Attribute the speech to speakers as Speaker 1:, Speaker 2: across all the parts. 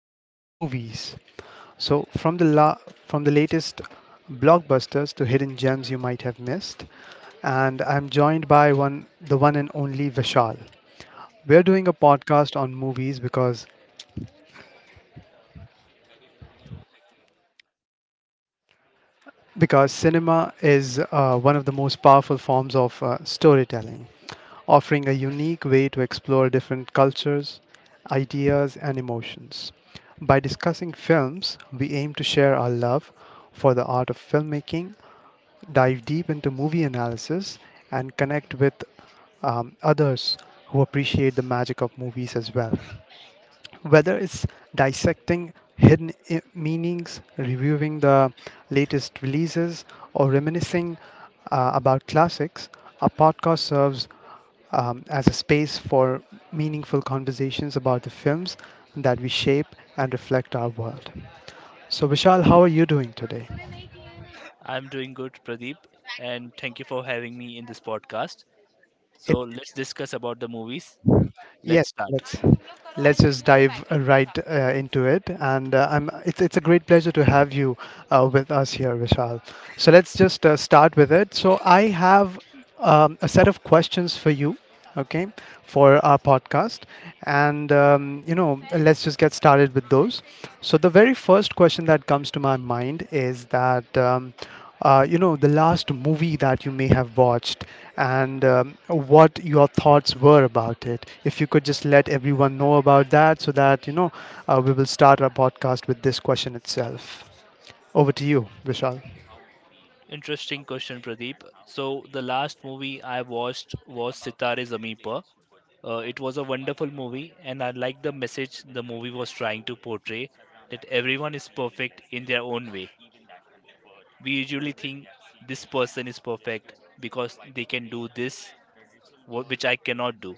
Speaker 1: everything movies. So from the la- from the latest blockbusters to hidden gems you might have missed, and I'm joined by one the one and only Vishal. We're doing a podcast on movies because cinema is one of the most powerful forms of storytelling. Offering a unique way to explore different cultures, ideas, and emotions. By discussing films, we aim to share our love for the art of filmmaking, dive deep into movie analysis, and connect with others who appreciate the magic of movies as well. Whether it's dissecting hidden meanings, reviewing the latest releases, or reminiscing about classics, our podcast serves as a space for meaningful conversations about the films that we shape and reflect our world. So, Vishal, how are you doing today?
Speaker 2: I'm doing good, Pradeep, and thank you for having me in this podcast. So let's discuss about the movies.
Speaker 1: Yes,
Speaker 2: Let's start.
Speaker 1: let's just dive right into it. And I'm it's a great pleasure to have you with us here, Vishal. So let's just start with it. So I have a set of questions for you, okay, for our podcast, and you know let's just get started with those. So the very first question that comes to my mind is that. You know the last movie that you may have watched and what your thoughts were about it, if you could just let everyone know about that, so that you know we will start our podcast with this question itself. Over to you, Vishal.
Speaker 2: Interesting question, Pradeep. So the last movie I watched was Sitare Zameen Par. It was a wonderful movie, and I liked the message the movie was trying to portray that everyone is perfect in their own way. We usually think this person is perfect because they can do this, which I cannot do.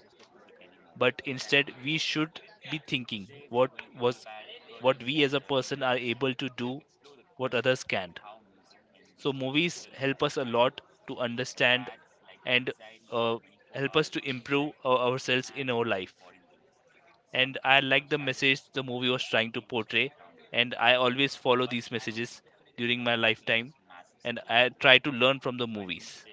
Speaker 2: But instead we should be thinking was what we as a person are able to do, what others can't. So movies help us a lot to understand, and uh, help us to improve ourselves in our life. And I like the message the movie was trying to portray, and I always follow these messages during my lifetime, and I try to learn from the movies.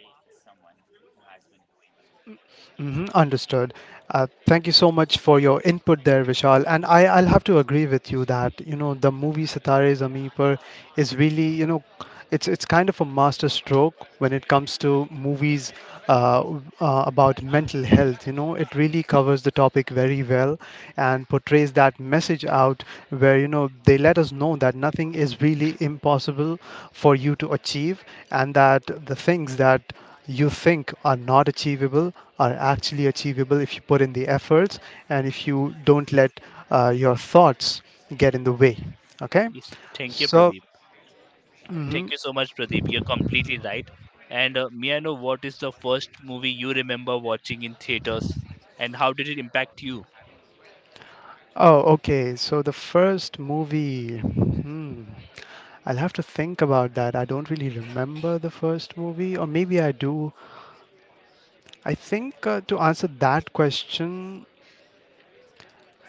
Speaker 1: Hmm, understood. Thank you so much for your input there, Vishal. And I'll have to agree with you that you know the movie Sitare Zameen Par is really, you know, it's kind of a master stroke when it comes to movies about mental health. You know, it really covers the topic very well and portrays that message out, where you know they let us know that nothing is really impossible for you to achieve, and that the things that you think are not achievable are actually achievable if you put in the efforts and if you don't let your thoughts get in the way. Okay,
Speaker 2: Yes, thank you,
Speaker 1: so
Speaker 2: Pradeep. Thank
Speaker 1: mhm.
Speaker 2: you so much, Pradeep. You're completely right. And may I know what is the first movie you remember watching in theaters, and how did it impact you?
Speaker 1: Oh, okay. So the first movie, hmm. I'll have to think about that. I don't really remember the first movie, or maybe I do. I think to answer that question,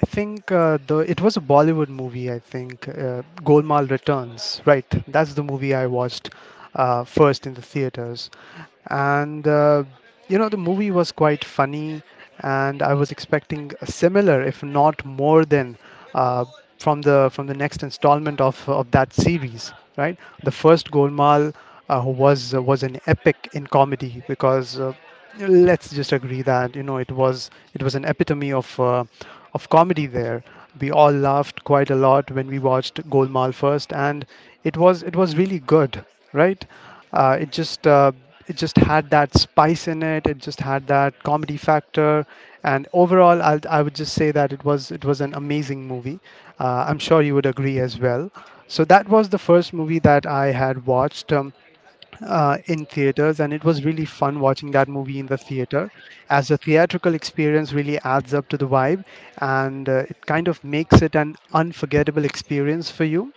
Speaker 1: I think the it was a Bollywood movie. I think Golmaal Returns. Right, that's the movie I watched first in the theaters, and you know the movie was quite funny, and I was expecting a similar if not more than uh, from the next installment of that series. Right, the first Golmaal was an epic in comedy because let's just agree that you know it was an epitome of comedy there. We all laughed quite a lot when we watched Golmaal first, and it was really good, right? Uh, it just uh, it just had that spice in it. It just had that comedy factor, and overall, I would just say that it was an amazing movie. I'm sure you would agree as well. So that was the first movie that I had watched in theaters, and it was really fun watching that movie in the theater, as the theatrical experience really adds up to the vibe, and it kind of makes it an unforgettable experience for you.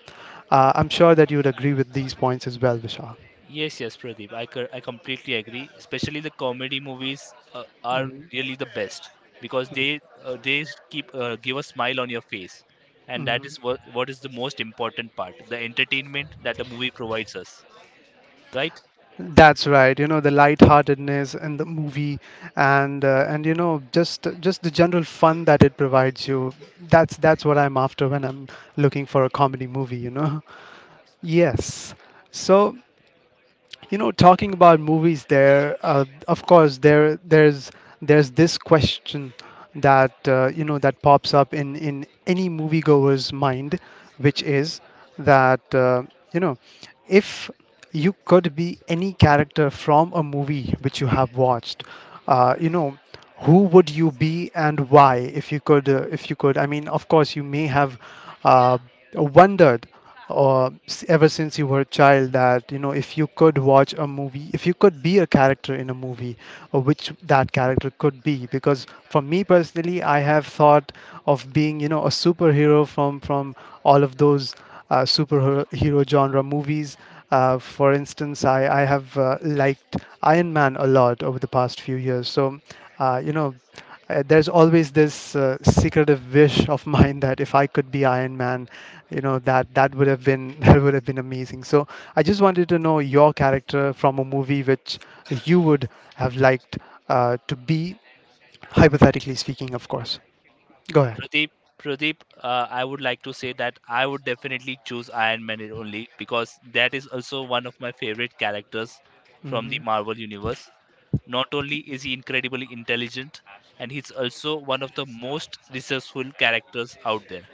Speaker 1: I'm sure that you would agree with these points as well, Vishal.
Speaker 2: Yes, yes, Pradeep. I completely agree. Especially the comedy movies are
Speaker 1: Mm,
Speaker 2: really the best, because they keep give a smile on your face, and that is
Speaker 1: mm.
Speaker 2: what is the most important part. The entertainment that the movie provides us, right?
Speaker 1: That's right. You know, the lightheartedness in the movie, and you know just the general fun that it provides you. That's what I'm after when I'm looking for a comedy movie. You know. Yes. So you know, talking about movies, there of course there's this question that you know that pops up in any moviegoer's mind, which is that you know, if you could be any character from a movie which you have watched, you know, who would you be and why? If you could, I mean of course you may have uh, wondered ever since you were a child, that you know, if you could watch a movie, if you could be a character in a movie, which that character could be. Because for me personally, I have thought of being you know a superhero from all of those superhero genre movies. For instance, I have liked Iron Man a lot over the past few years. So, uh, you know, there's always this secretive wish of mine that if I could be Iron Man, you know, that that would have been that would have been amazing. So I just wanted to know your character from a movie which you would have liked to be, hypothetically speaking, of course. Go ahead.
Speaker 2: Pradeep, Pradeep, I would like to say that I would definitely choose Iron Man only because that is also one of my favorite characters from the
Speaker 1: Mm-hmm.
Speaker 2: Marvel universe. Not only is he incredibly intelligent, and he's also one of the most resourceful characters out there.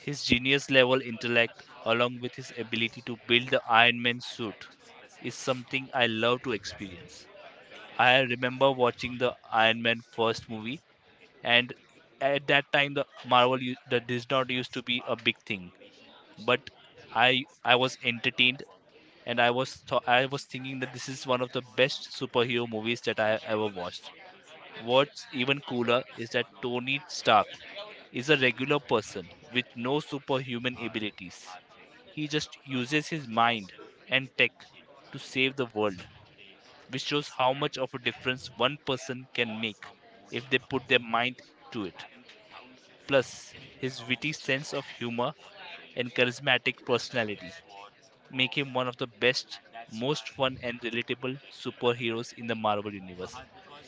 Speaker 2: His genius level intellect, along with his ability to build the Iron Man suit, is something I love to experience. I remember watching the Iron Man first movie, and at that time the Disney, not used to be a big thing, but I was entertained, and I was thinking that this is one of the best superhero movies that I have ever watched. What's even cooler is that Tony Stark is a regular person with no superhuman abilities. He just uses his mind and tech to save the world, which shows how much of a difference one person can make if they put their mind to it. Plus, his witty sense of humor and charismatic personality make him one of the best, most fun, and relatable superheroes in the Marvel Universe.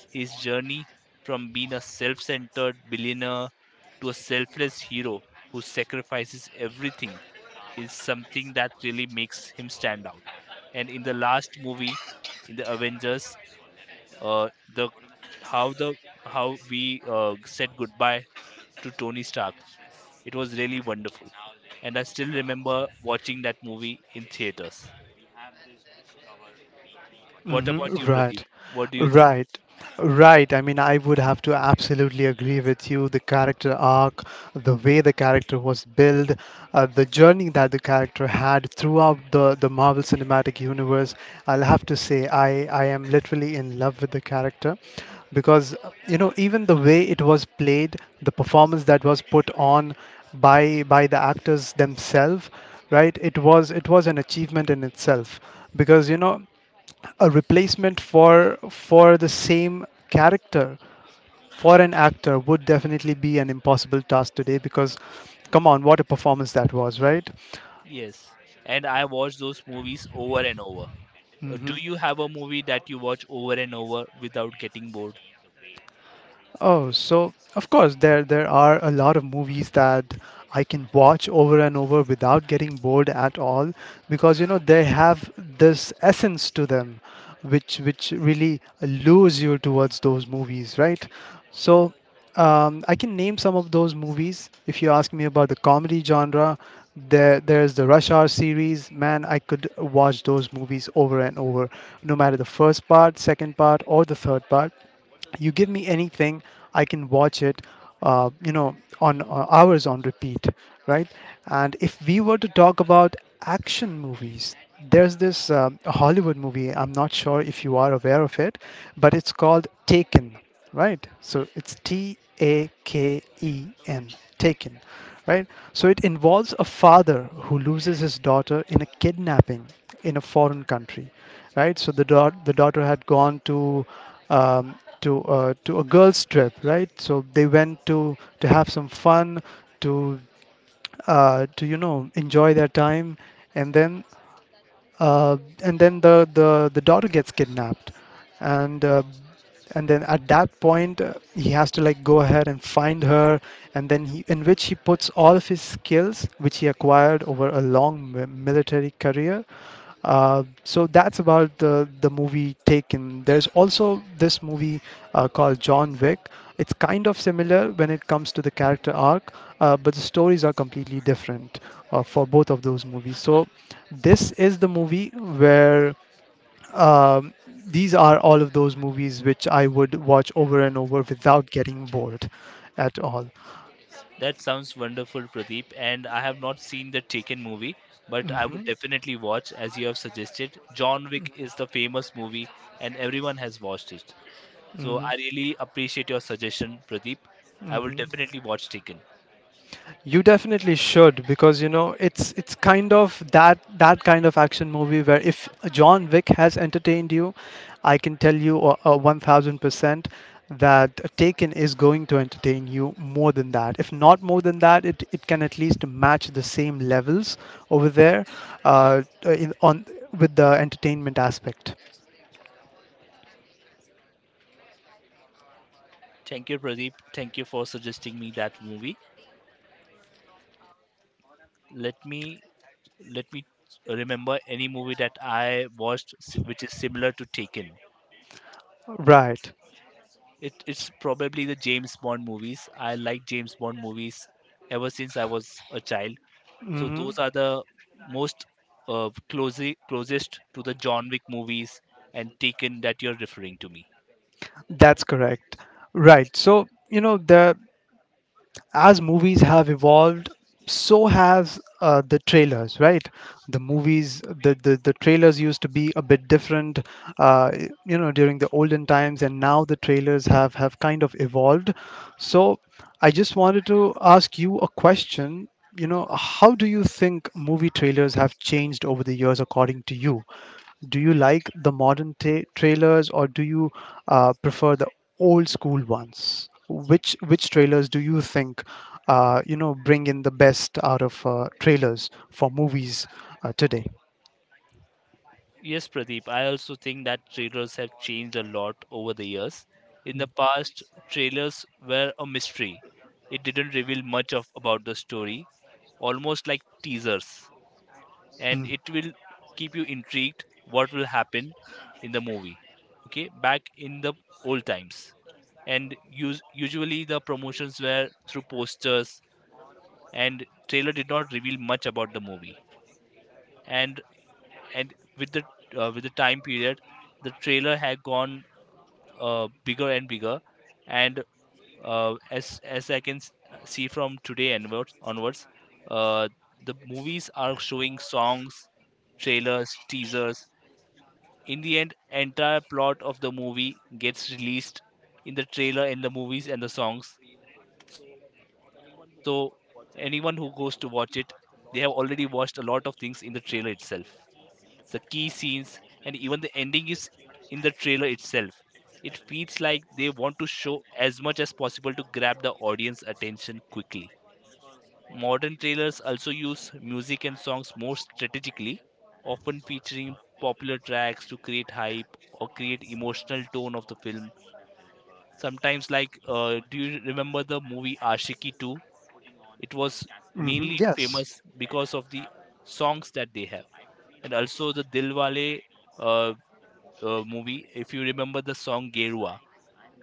Speaker 2: His journey from being a self centered billionaire to a selfless hero who sacrifices everything is something that really makes him stand out. And in the last movie, in the Avengers, uh, the the how we said goodbye to Tony Stark. It was really wonderful, and I still remember watching that movie in theaters. What
Speaker 1: Hmm.
Speaker 2: about you, Pradeep?
Speaker 1: Right,
Speaker 2: What do you think?
Speaker 1: right, right. I mean, I would have to absolutely agree with you. The character arc, the way the character was built, the journey that the character had throughout the Marvel Cinematic Universe. I'll have to say, I am literally in love with the character because, you know, even the way it was played, the performance that was put on by the actors themselves, right? It was an achievement in itself, because you know a replacement for the same character for an actor would definitely be an impossible task today, because come on, what a performance that was, right?
Speaker 2: Yes, and I watch those movies over and over. Do you have a movie that you watch over and over without getting bored?
Speaker 1: Oh, so of course there are a lot of movies that I can watch over and over without getting bored at all, because you know they have this essence to them which really lures you towards those movies, right? So I can name some of those movies. If you ask me about the comedy genre, there's the Rush Hour series. Man, I could watch those movies over and over, no matter the first part, second part, or the third part. You give me anything, I can watch it you know on hours on repeat, right? And if we were to talk about action movies, there's this Hollywood movie. I'm not sure if you are aware of it, but it's called Taken. Right, so it's T A K E N, Taken, right? So it involves a father who loses his daughter in a kidnapping in a foreign country. Right, so the daughter had gone to um, to a girls trip, right? So they went to have some fun, to to you know enjoy their time, and then uh, and then the daughter gets kidnapped, and uh, and then at that point he has to like go ahead and find her, and then he, in which he puts all of his skills which he acquired over a long military career. So that's about the movie Taken. There's also this movie called John Wick. It's kind of similar when it comes to the character arc, but the stories are completely different for both of those movies. So this is the movie where um, these are all of those movies which I would watch over and over without getting bored at all.
Speaker 2: That sounds wonderful, Pradeep. And I have not seen the Taken movie, but I would
Speaker 1: Hmm.
Speaker 2: definitely watch as you have suggested. John Wick is the famous movie, and everyone has watched it. So
Speaker 1: Hmm.
Speaker 2: I really appreciate your suggestion, Pradeep. I will
Speaker 1: Hmm.
Speaker 2: definitely watch Taken.
Speaker 1: You definitely should, because you know it's kind of that that kind of action movie where if John Wick has entertained you, I can tell you one thousand percent that Taken is going to entertain you more than that. If not more than that, it can at least match the same levels over there, on with the entertainment aspect.
Speaker 2: Thank you, Pradeep. Thank you for suggesting me that movie. Let me let me remember any movie that I watched s- which is similar to Taken.
Speaker 1: Right.
Speaker 2: It it's probably the James Bond movies. I like James Bond movies ever since I was a child. So
Speaker 1: Hmm.
Speaker 2: those are the most closely closest to the John Wick movies and Taken that you're referring to me.
Speaker 1: That's correct. Right. So, you know, the as movies have evolved, so has the trailers, right? The movies, the trailers used to be a bit different uh, you know during the olden times, and now the trailers have kind of evolved. So I just wanted to ask you a question. You know, how do you think movie trailers have changed over the years, according to you? Do you like the modern ta trailers, or do you prefer the old school ones? Which trailers do you think, you know, bring in the best out of trailers for movies today?
Speaker 2: Yes, Pradeep. I also think that trailers have changed a lot over the years. In the past, trailers were a mystery. It didn't reveal much of about the story, almost like teasers. And
Speaker 1: Mm,
Speaker 2: it will keep you intrigued what will happen in the movie, okay, back in the old times. And usually the promotions were through posters, and trailer did not reveal much about the movie. And and with the with the time period, the trailer had gone bigger and bigger. And as I can s- see from today onwards, uh, the movies are showing songs, trailers, teasers. In the end, entire plot of the movie gets released in the trailer, in the movies and the songs. So anyone who goes to watch it, they have already watched a lot of things in the trailer itself, the key scenes, and even the ending is in the trailer itself. It feels like they want to show as much as possible to grab the audience attention quickly. Modern trailers also use music and songs more strategically, often featuring popular tracks to create hype or create emotional tone of the film. Sometimes like do you remember the movie Ashiki 2? It was mainly
Speaker 1: hmm, yes.
Speaker 2: famous because of the songs that they have. And also the Dilwale uh, movie. If you remember the song Gerua,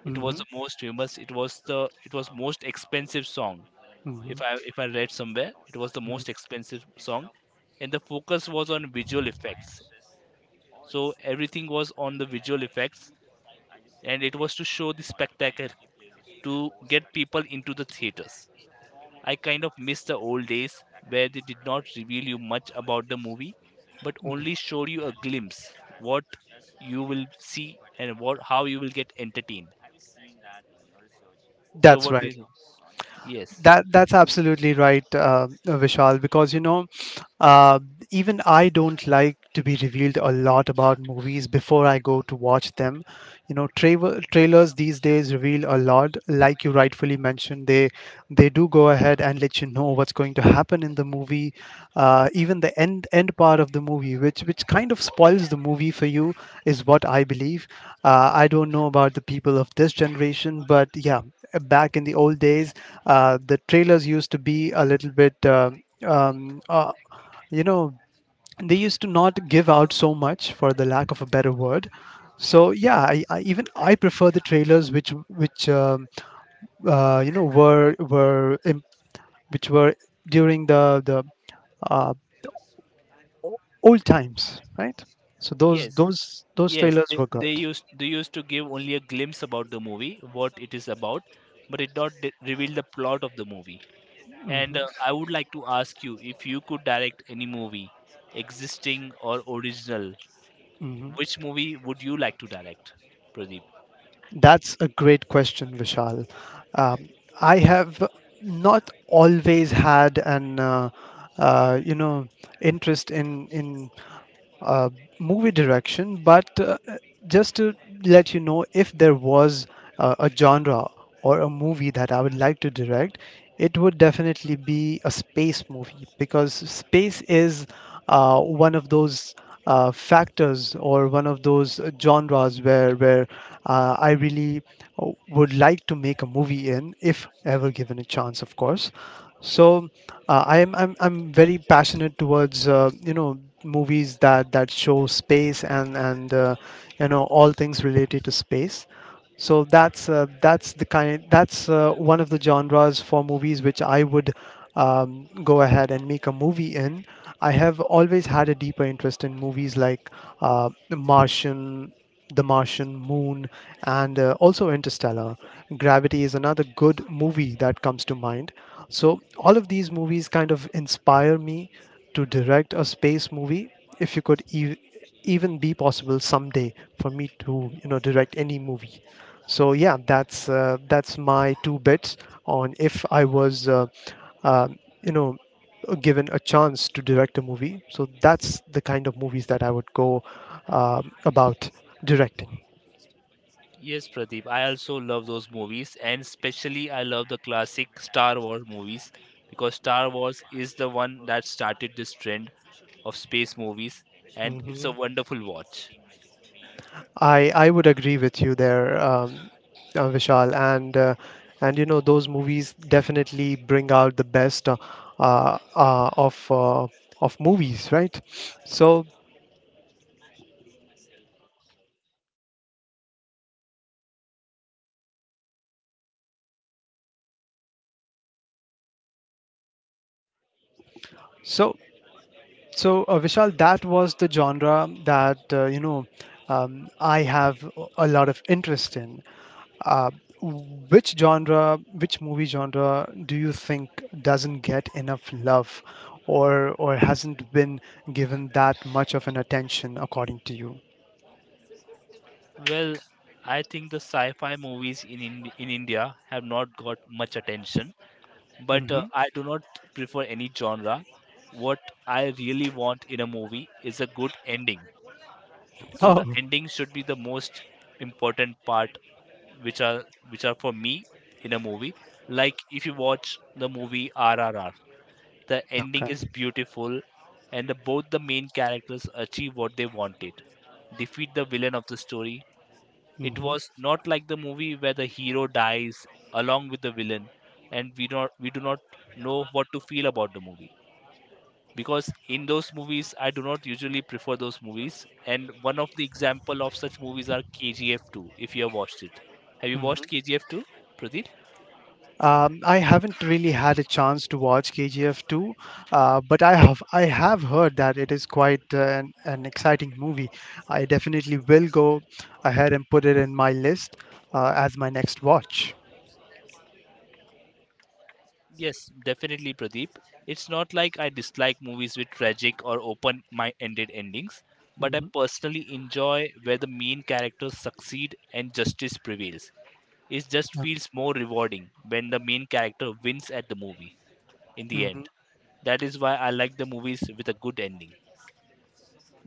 Speaker 2: it was
Speaker 1: Hmm.
Speaker 2: the most famous. It was the it was most expensive song.
Speaker 1: Hmm.
Speaker 2: If I read somewhere, it was the most expensive song, and the focus was on visual effects. So everything was on the visual effects, and it was to show the spectacle to get people into the theaters. I kind of miss the old days where they did not reveal you much about the movie, but only showed you a glimpse what you will see and what how you will get entertained. So
Speaker 1: That's
Speaker 2: what
Speaker 1: right.
Speaker 2: is yes,
Speaker 1: That that's absolutely right, Vishal. Because you know, Uh, even I don't like to be revealed a lot about movies before I go to watch them. You know, trailers these days reveal a lot. Like you rightfully mentioned, they do go ahead and let you know what's going to happen in the movie, even the end part of the movie, which kind of spoils the movie for you, is what I believe. I don't know about the people of this generation, but yeah, back in the old days, the trailers used to be a little bit. um, uh, you know they used to not give out so much, for the lack of a better word. So yeah, I prefer the trailers which you know were im- which were during the uh, o- old times, right? So those
Speaker 2: yes,
Speaker 1: those those
Speaker 2: yes.
Speaker 1: trailers were good.
Speaker 2: They used to give only a glimpse about the movie, what it is about, but it not reveal the plot of the movie. And
Speaker 1: Mhm,
Speaker 2: I would like to ask you, if you could direct any movie, existing or original,
Speaker 1: mhm.
Speaker 2: which movie would you like to direct, Pradeep?
Speaker 1: That's a great question, Vishal. Um, I have not always had an uh, you know interest in uh, movie direction, but just to let you know, if there was a genre or a movie that I would like to direct, it would definitely be a space movie because space is one of those factors, or one of those genres where I really would like to make a movie in, if ever given a chance, of course. So I'm very passionate towards movies that show space, and all things related to space. So that's the kind, that's one of the genres for movies which I would go ahead and make a movie in. I have always had a deeper interest in movies like Martian, The Martian, Moon, and also Interstellar. Gravity is another good movie that comes to mind. So all of these movies kind of inspire me to direct a space movie. If even be possible someday for me to, you know, direct any movie. So yeah, that's my two bits on if I was, uh, you know, given a chance to direct a movie. So that's the kind of movies that I would go about directing.
Speaker 2: Yes, Pradeep, I also love those movies, and especially I love the classic Star Wars movies, because Star Wars is the one that started this trend of space movies, and it's a
Speaker 1: Mm-hmm.
Speaker 2: wonderful watch.
Speaker 1: I would agree with you there, Vishal, and you know those movies definitely bring out the best uh, uh, of uh, of movies, right? So so so, Vishal, that was the genre that I have a lot of interest in. Uh, which genre, which movie genre do you think doesn't get enough love, or hasn't been given that much of an attention according to you?
Speaker 2: Well, I think the sci fi movies in India have not got much attention, but
Speaker 1: Hmm.
Speaker 2: I do not prefer any genre. What I really want in a movie is a good ending. So the
Speaker 1: Oh,
Speaker 2: ending should be the most important part, which are which are for me in a movie. Like if you watch the movie RRR, the ending is
Speaker 1: okay.
Speaker 2: beautiful, and the, both the main characters achieve what they wanted. Defeat the villain of the story. It
Speaker 1: Hmm.
Speaker 2: was not like the movie where the hero dies along with the villain, and we do not know what to feel about the movie, because in those movies I do not usually prefer those movies. And one of the example of such movies are KGF 2. If you have watched it, have you
Speaker 1: Hmm.
Speaker 2: watched KGF 2, Pradeep?
Speaker 1: I haven't really had a chance to watch KGF 2, but I have heard that it is quite an exciting movie. I definitely will go ahead and put it in my list as my next watch.
Speaker 2: Yes, definitely, Pradeep. It's not like I dislike movies with tragic or open ended endings, but I personally enjoy where the main characters succeed and justice prevails. It just feels
Speaker 1: Hmm.
Speaker 2: more rewarding when the main character wins at the movie in the end. That is why I like the movies with a good ending.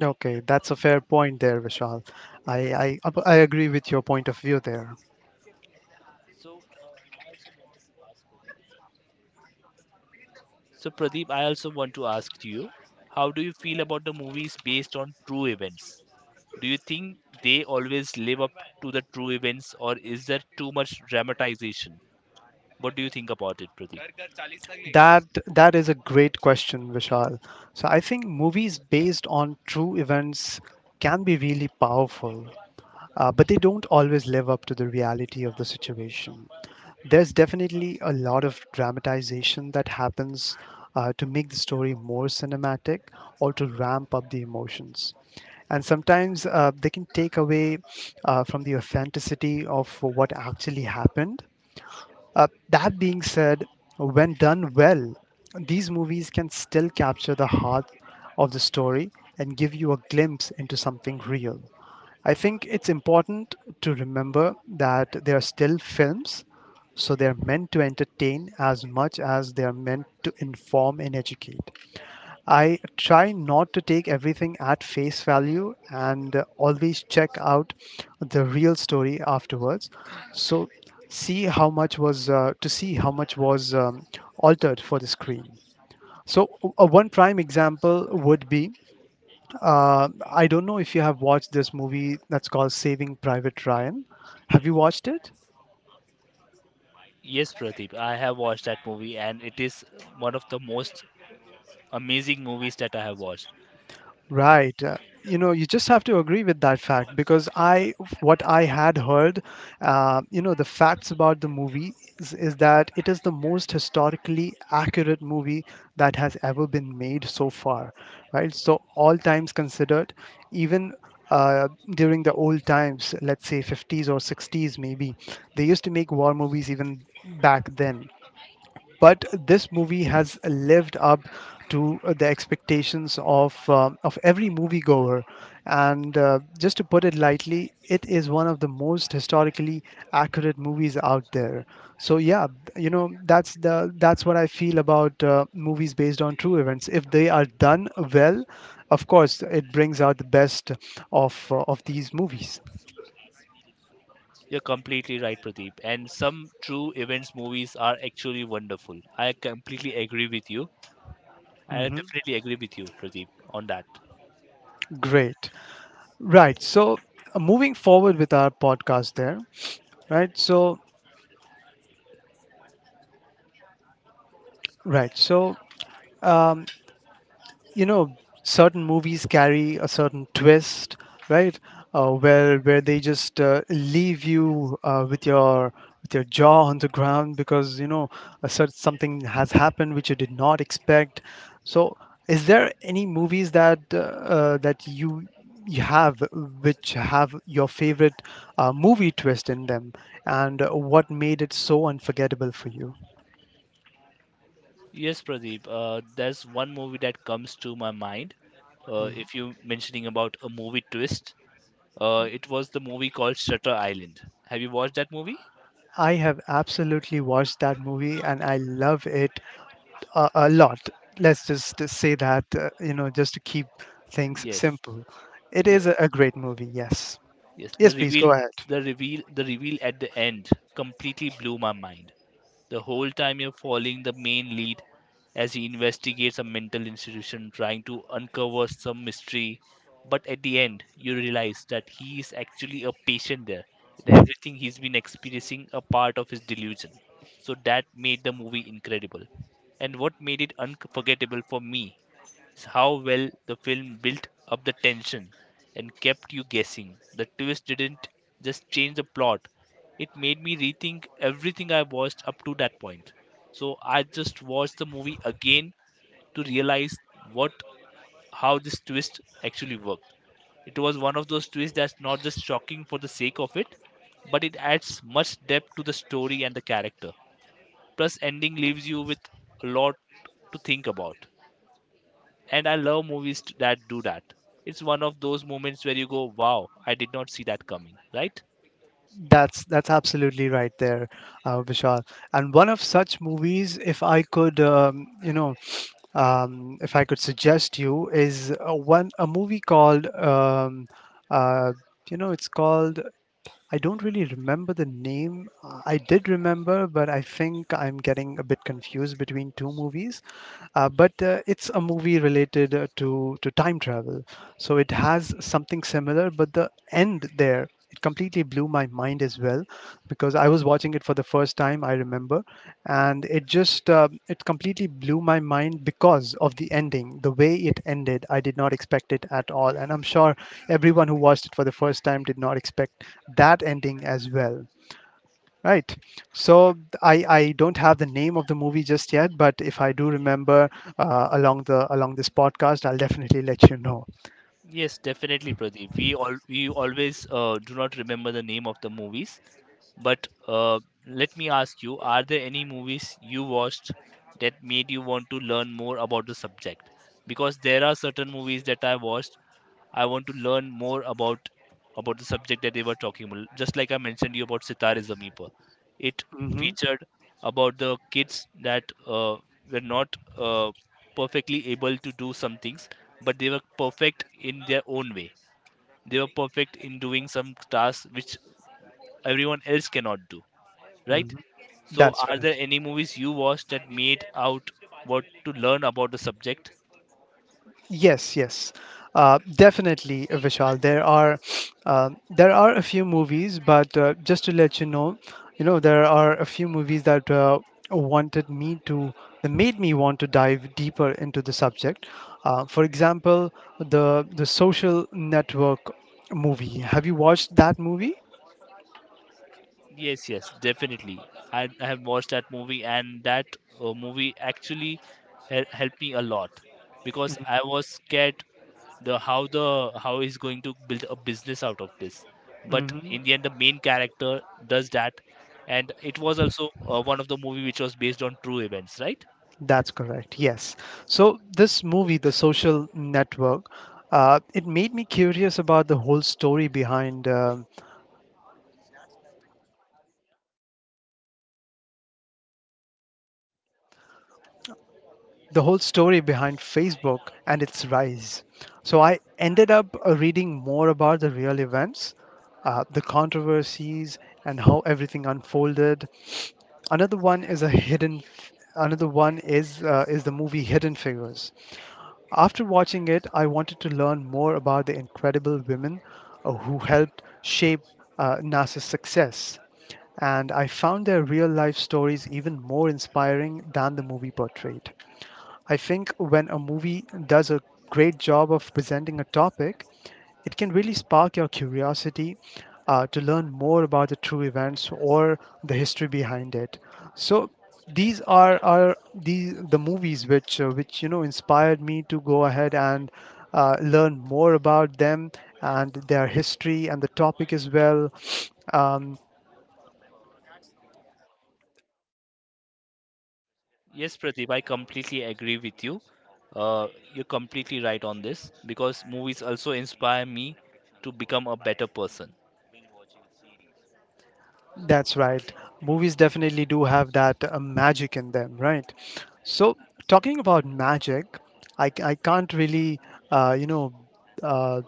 Speaker 1: Okay, that's a fair point there, Vishal. I agree with your point of view there.
Speaker 2: So so, Pradeep, I also want to ask you, how do you feel about the movies based on true events? Do you think they always live up to the true events, or is there too much dramatization? What do you think about it, Pradeep?
Speaker 1: That that is a great question, Vishal. So I think movies based on true events can be really powerful, but they don't always live up to the reality of the situation. There's definitely a lot of dramatization that happens to make the story more cinematic or to ramp up the emotions. And sometimes they can take away from the authenticity of what actually happened. That being said, when done well, these movies can still capture the heart of the story and give you a glimpse into something real. I think it's important to remember that they are still films, so they are meant to entertain as much as they are meant to inform and educate. I try not to take everything at face value, and always check out the real story afterwards. So see how much was to see how much was altered for the screen. So one prime example would be I don't know if you have watched this movie that's called Saving Private Ryan. Have you watched it?
Speaker 2: Yes, Pradeep, I have watched that movie, and it is one of the most amazing movies that I have watched.
Speaker 1: Right. You know, you just have to agree with that fact because what I had heard, you know, the facts about the movie is that it is the most historically accurate movie that has ever been made so far, right? So, all times considered, even uh, during the old times, let's say 50s or 60s, maybe, they used to make war movies even back then, but this movie has lived up to the expectations of every moviegoer. And just to put it lightly, it is one of the most historically accurate movies out there. So yeah, you know that's the that's what I feel about movies based on true events. If they are done well, of course, it brings out the best of these movies.
Speaker 2: You're completely right, Pradeep. And some true events movies are actually wonderful. I completely agree with you. I
Speaker 1: Hmm.
Speaker 2: definitely agree with you, Pradeep, on that.
Speaker 1: Great. Right. So moving forward with our podcast there, right? So right. So, um, you know, certain movies carry a certain twist, right? Where they just leave you with your jaw on the ground, because you know a certain something has happened which you did not expect. So, is there any movies that that you have which have your favorite movie twist in them, and what made it so unforgettable for you?
Speaker 2: Yes, Pradeep. There's one movie that comes to my mind. If you mentioning about a movie twist, it was the movie called Shutter Island. Have you watched that movie?
Speaker 1: I have absolutely watched that movie and I love it a lot. Let's just say that, just to keep things
Speaker 2: Yes.
Speaker 1: simple. It is
Speaker 2: Yes.
Speaker 1: a great movie, yes.
Speaker 2: Yes,
Speaker 1: Yes, please go ahead.
Speaker 2: the reveal at the end completely blew my mind. The whole time you're following the main lead as he investigates a mental institution trying to uncover some mystery, but at the end you realize that he is actually a patient there and everything he's been experiencing a part of his delusion. So that made the movie incredible. And what made it unforgettable for me is how well the film built up the tension and kept you guessing. The twist didn't just change the plot, it made me rethink everything I watched up to that point. So I just watched the movie again to realize what how this twist actually worked. It was one of those twists that's not just shocking for the sake of it, but it adds much depth to the story and the character. Plus ending leaves you with a lot to think about, and I love movies that do that. It's one of those moments where you go, "Wow, I did not see that coming." Right?
Speaker 1: That's absolutely right there, Vishal. And one of such movies, if I could, if I could suggest you, is one a movie called, uh, it's called... I don't really remember the name. I did remember, but I think I'm getting a bit confused between two movies. But it's a movie related to time travel, so it has something similar. But the end there, it completely blew my mind as well, because I was watching it for the first time. I remember, and it just it completely blew my mind because of the ending, the way it ended. I did not expect it at all, and I'm sure everyone who watched it for the first time did not expect that ending as well, right? So I don't have the name of the movie just yet, but if I do remember along this podcast, I'll definitely let you know.
Speaker 2: Yes, definitely, Pradeep. We always do not remember the name of the movies, but let me ask you, are there any movies you watched that made you want to learn more about the subject? Because there are certain movies that I watched, I want to learn more about the subject that they were talking about. Just like I mentioned you about Sitar is a Meeper. It
Speaker 1: Hmm.
Speaker 2: featured about the kids that were not perfectly able to do some things, but they were perfect in their own way. They were perfect in doing some tasks which everyone else cannot do, right? So,
Speaker 1: That's
Speaker 2: are
Speaker 1: right.
Speaker 2: there any movies you watched that made out what to learn about the subject?
Speaker 1: Yes, yes, definitely, Vishal. Uh, there are a few movies, but just to let you know there are a few movies that wanted me to that made me want to dive deeper into the subject. For example, the Social Network movie. Have you watched that movie?
Speaker 2: Yes, yes, definitely. I have watched that movie, and that movie actually helped me a lot because I was scared the how he's going to build a business out of this. But
Speaker 1: Mm-hmm.
Speaker 2: in the end, the main character does that, and it was also one of the movie which was based on true events, right?
Speaker 1: That's correct. Yes. So this movie, The Social Network, it made me curious about the whole story behind Facebook and its rise. So I ended up reading more about the real events, the controversies, and how everything unfolded. Another one is a hidden. Another one is the movie Hidden Figures. After watching it, I wanted to learn more about the incredible women who helped shape NASA's success, and I found their real life stories even more inspiring than the movie portrayed. I think when a movie does a great job of presenting a topic, it can really spark your curiosity to learn more about the true events or the history behind it. So these are the movies which, you know inspired me to go ahead and learn more about them and their history and the topic as well. Um,
Speaker 2: Yes, Pradeep, I completely agree with you. Uh, you're completely right on this because movies also inspire me to become a better person.
Speaker 1: That's right. Movies definitely do have that magic in them, right? So, talking about magic, I can't really, uh, you know, uh,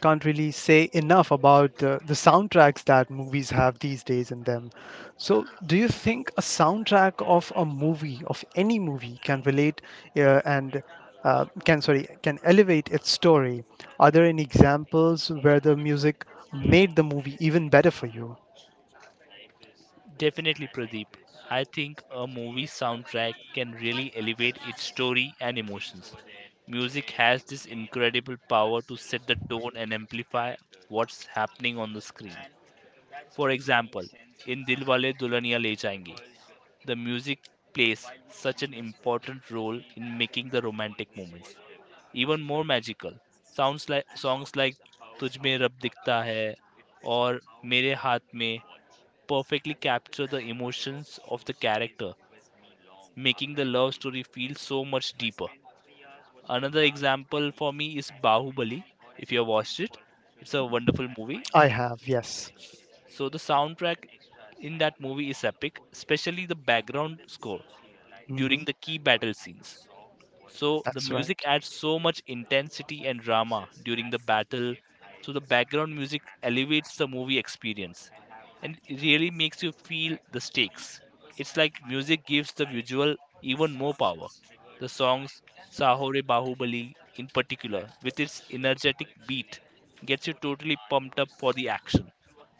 Speaker 1: can't really say enough about the soundtracks that movies have these days in them. So, do you think a soundtrack of a movie, of any movie, can relate and can sorry can elevate its story? Are there any examples where the music made the movie even better for you?
Speaker 2: Definitely, Pradeep. I think a movie soundtrack can really elevate its story and emotions. Music has this incredible power to set the tone and amplify what's happening on the screen. For example, in Dilwale Dulhaniya Le Jayenge, the music plays such an important role in making the romantic moments even more magical. Sounds like songs like Tujhme Rab Dikhta Hai or Mere Haath Mein perfectly capture the emotions of the character, making the love story feel so much deeper. Another example for me is Bahubali. If you have watched it, it's a wonderful movie.
Speaker 1: I have, yes.
Speaker 2: So the soundtrack in that movie is epic, especially the background score during
Speaker 1: Hmm.
Speaker 2: the key battle scenes. So the
Speaker 1: That's right.
Speaker 2: music adds so much intensity and drama during the battle. So the background music elevates the movie experience and it really makes you feel the stakes. It's like music gives the visual even more power. The songs Sahore Bahubali in particular, with its energetic beat, gets you totally pumped up for the action.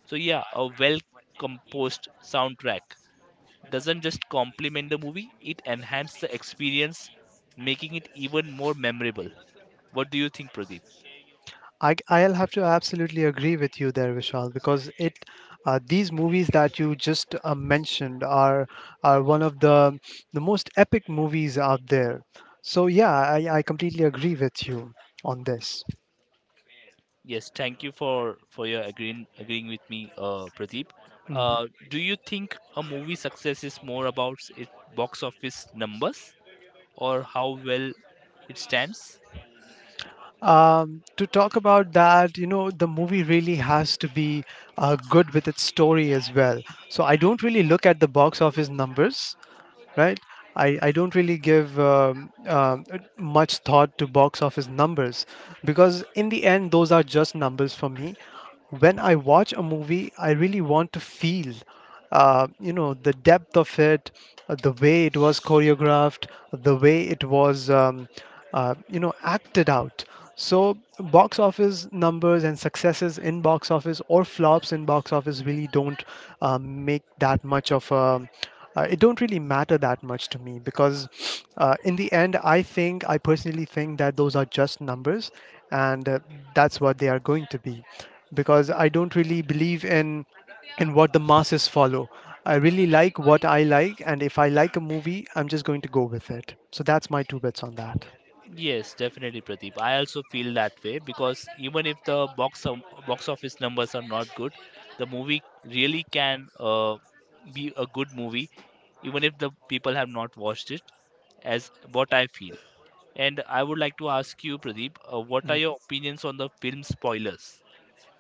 Speaker 2: So yeah, a well composed soundtrack doesn't just complement the movie, it enhances the experience, making it even more memorable. What do you think, Pradeep?
Speaker 1: I'll have to absolutely agree with you there, Vishal, because it these movies that you just mentioned are one of the most epic movies out there. So yeah, I completely agree with you on this.
Speaker 2: Yes, thank you for your agreeing with me, Pradeep.
Speaker 1: Mhm.
Speaker 2: Do you think a movie success is more about its box office numbers or how well it stands?
Speaker 1: To talk about that, you know, the movie really has to be good with its story as well. So I don't really look at the box office numbers. Right? I don't really give much thought to box office numbers because, in the end, those are just numbers for me. When I watch a movie, I really want to feel, the depth of it, the way it was choreographed, the way it was, acted out. So, box office numbers and successes in box office or flops in box office really don't make that much of a it don't really matter that much to me because in the end, I think I personally think that those are just numbers, and that's what they are going to be, because I don't really believe in what the masses follow. I really like what I like, and if I like a movie I'm just going to go with it. So that's my two bits on that.
Speaker 2: Yes, definitely, Pradeep. I also feel that way because even if the box office numbers are not good, the movie really can be a good movie, even if the people have not watched it, as what I feel. And I would like to ask you, Pradeep, what are your opinions on the film spoilers?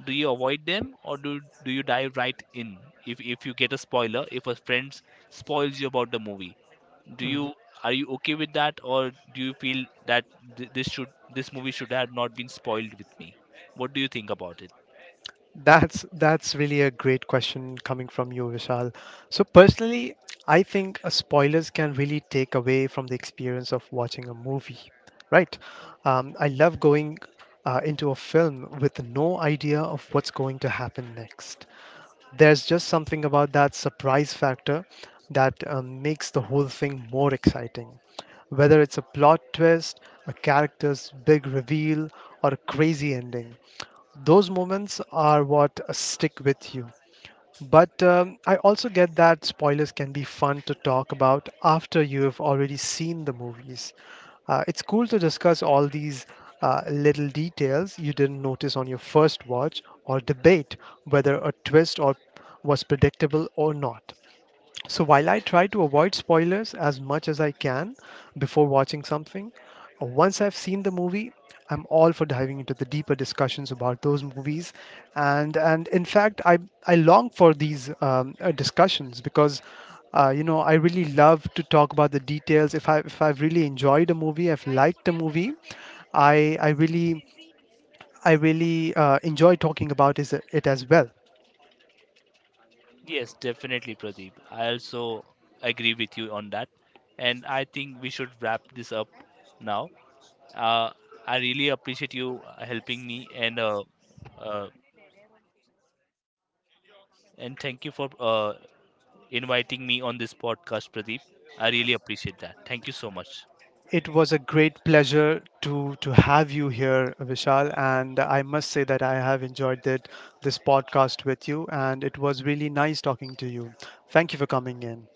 Speaker 2: Do you avoid them or do you dive right in? If you get a spoiler, if a friend spoils you about the movie, do
Speaker 1: Mm.
Speaker 2: you, are you okay with that, or do you feel that this should, this movie should have not been spoiled with me? What do you think about it?
Speaker 1: That's really a great question coming from you, Vishal. So personally, I think spoilers can really take away from the experience of watching a movie, right? I love going into a film with no idea of what's going to happen next. There's just something about that surprise factor that makes the whole thing more exciting. Whether it's a plot twist, a character's big reveal, or a crazy ending, those moments are what stick with you. But I also get that spoilers can be fun to talk about after you have already seen the movies. It's cool to discuss all these little details you didn't notice on your first watch, or debate whether a twist or was predictable or not. So while I try to avoid spoilers as much as I can before watching something, once I've seen the movie, I'm all for diving into the deeper discussions about those movies, and in fact, I long for these discussions because. You know, I really love to talk about the details. If I if I've really enjoyed a movie, I've liked a movie, I I really I really enjoy talking about is it as well.
Speaker 2: Yes, definitely, Pradeep. I also agree with you on that, and I think we should wrap this up now. uh, I really appreciate you helping me, uh, and thank you for inviting me on this podcast, Pradeep. I really appreciate that. Thank you so much.
Speaker 1: It was a great pleasure to have you here, Vishal, and I must say that I have enjoyed that this podcast with you, and it was really nice talking to you. Thank you for coming in.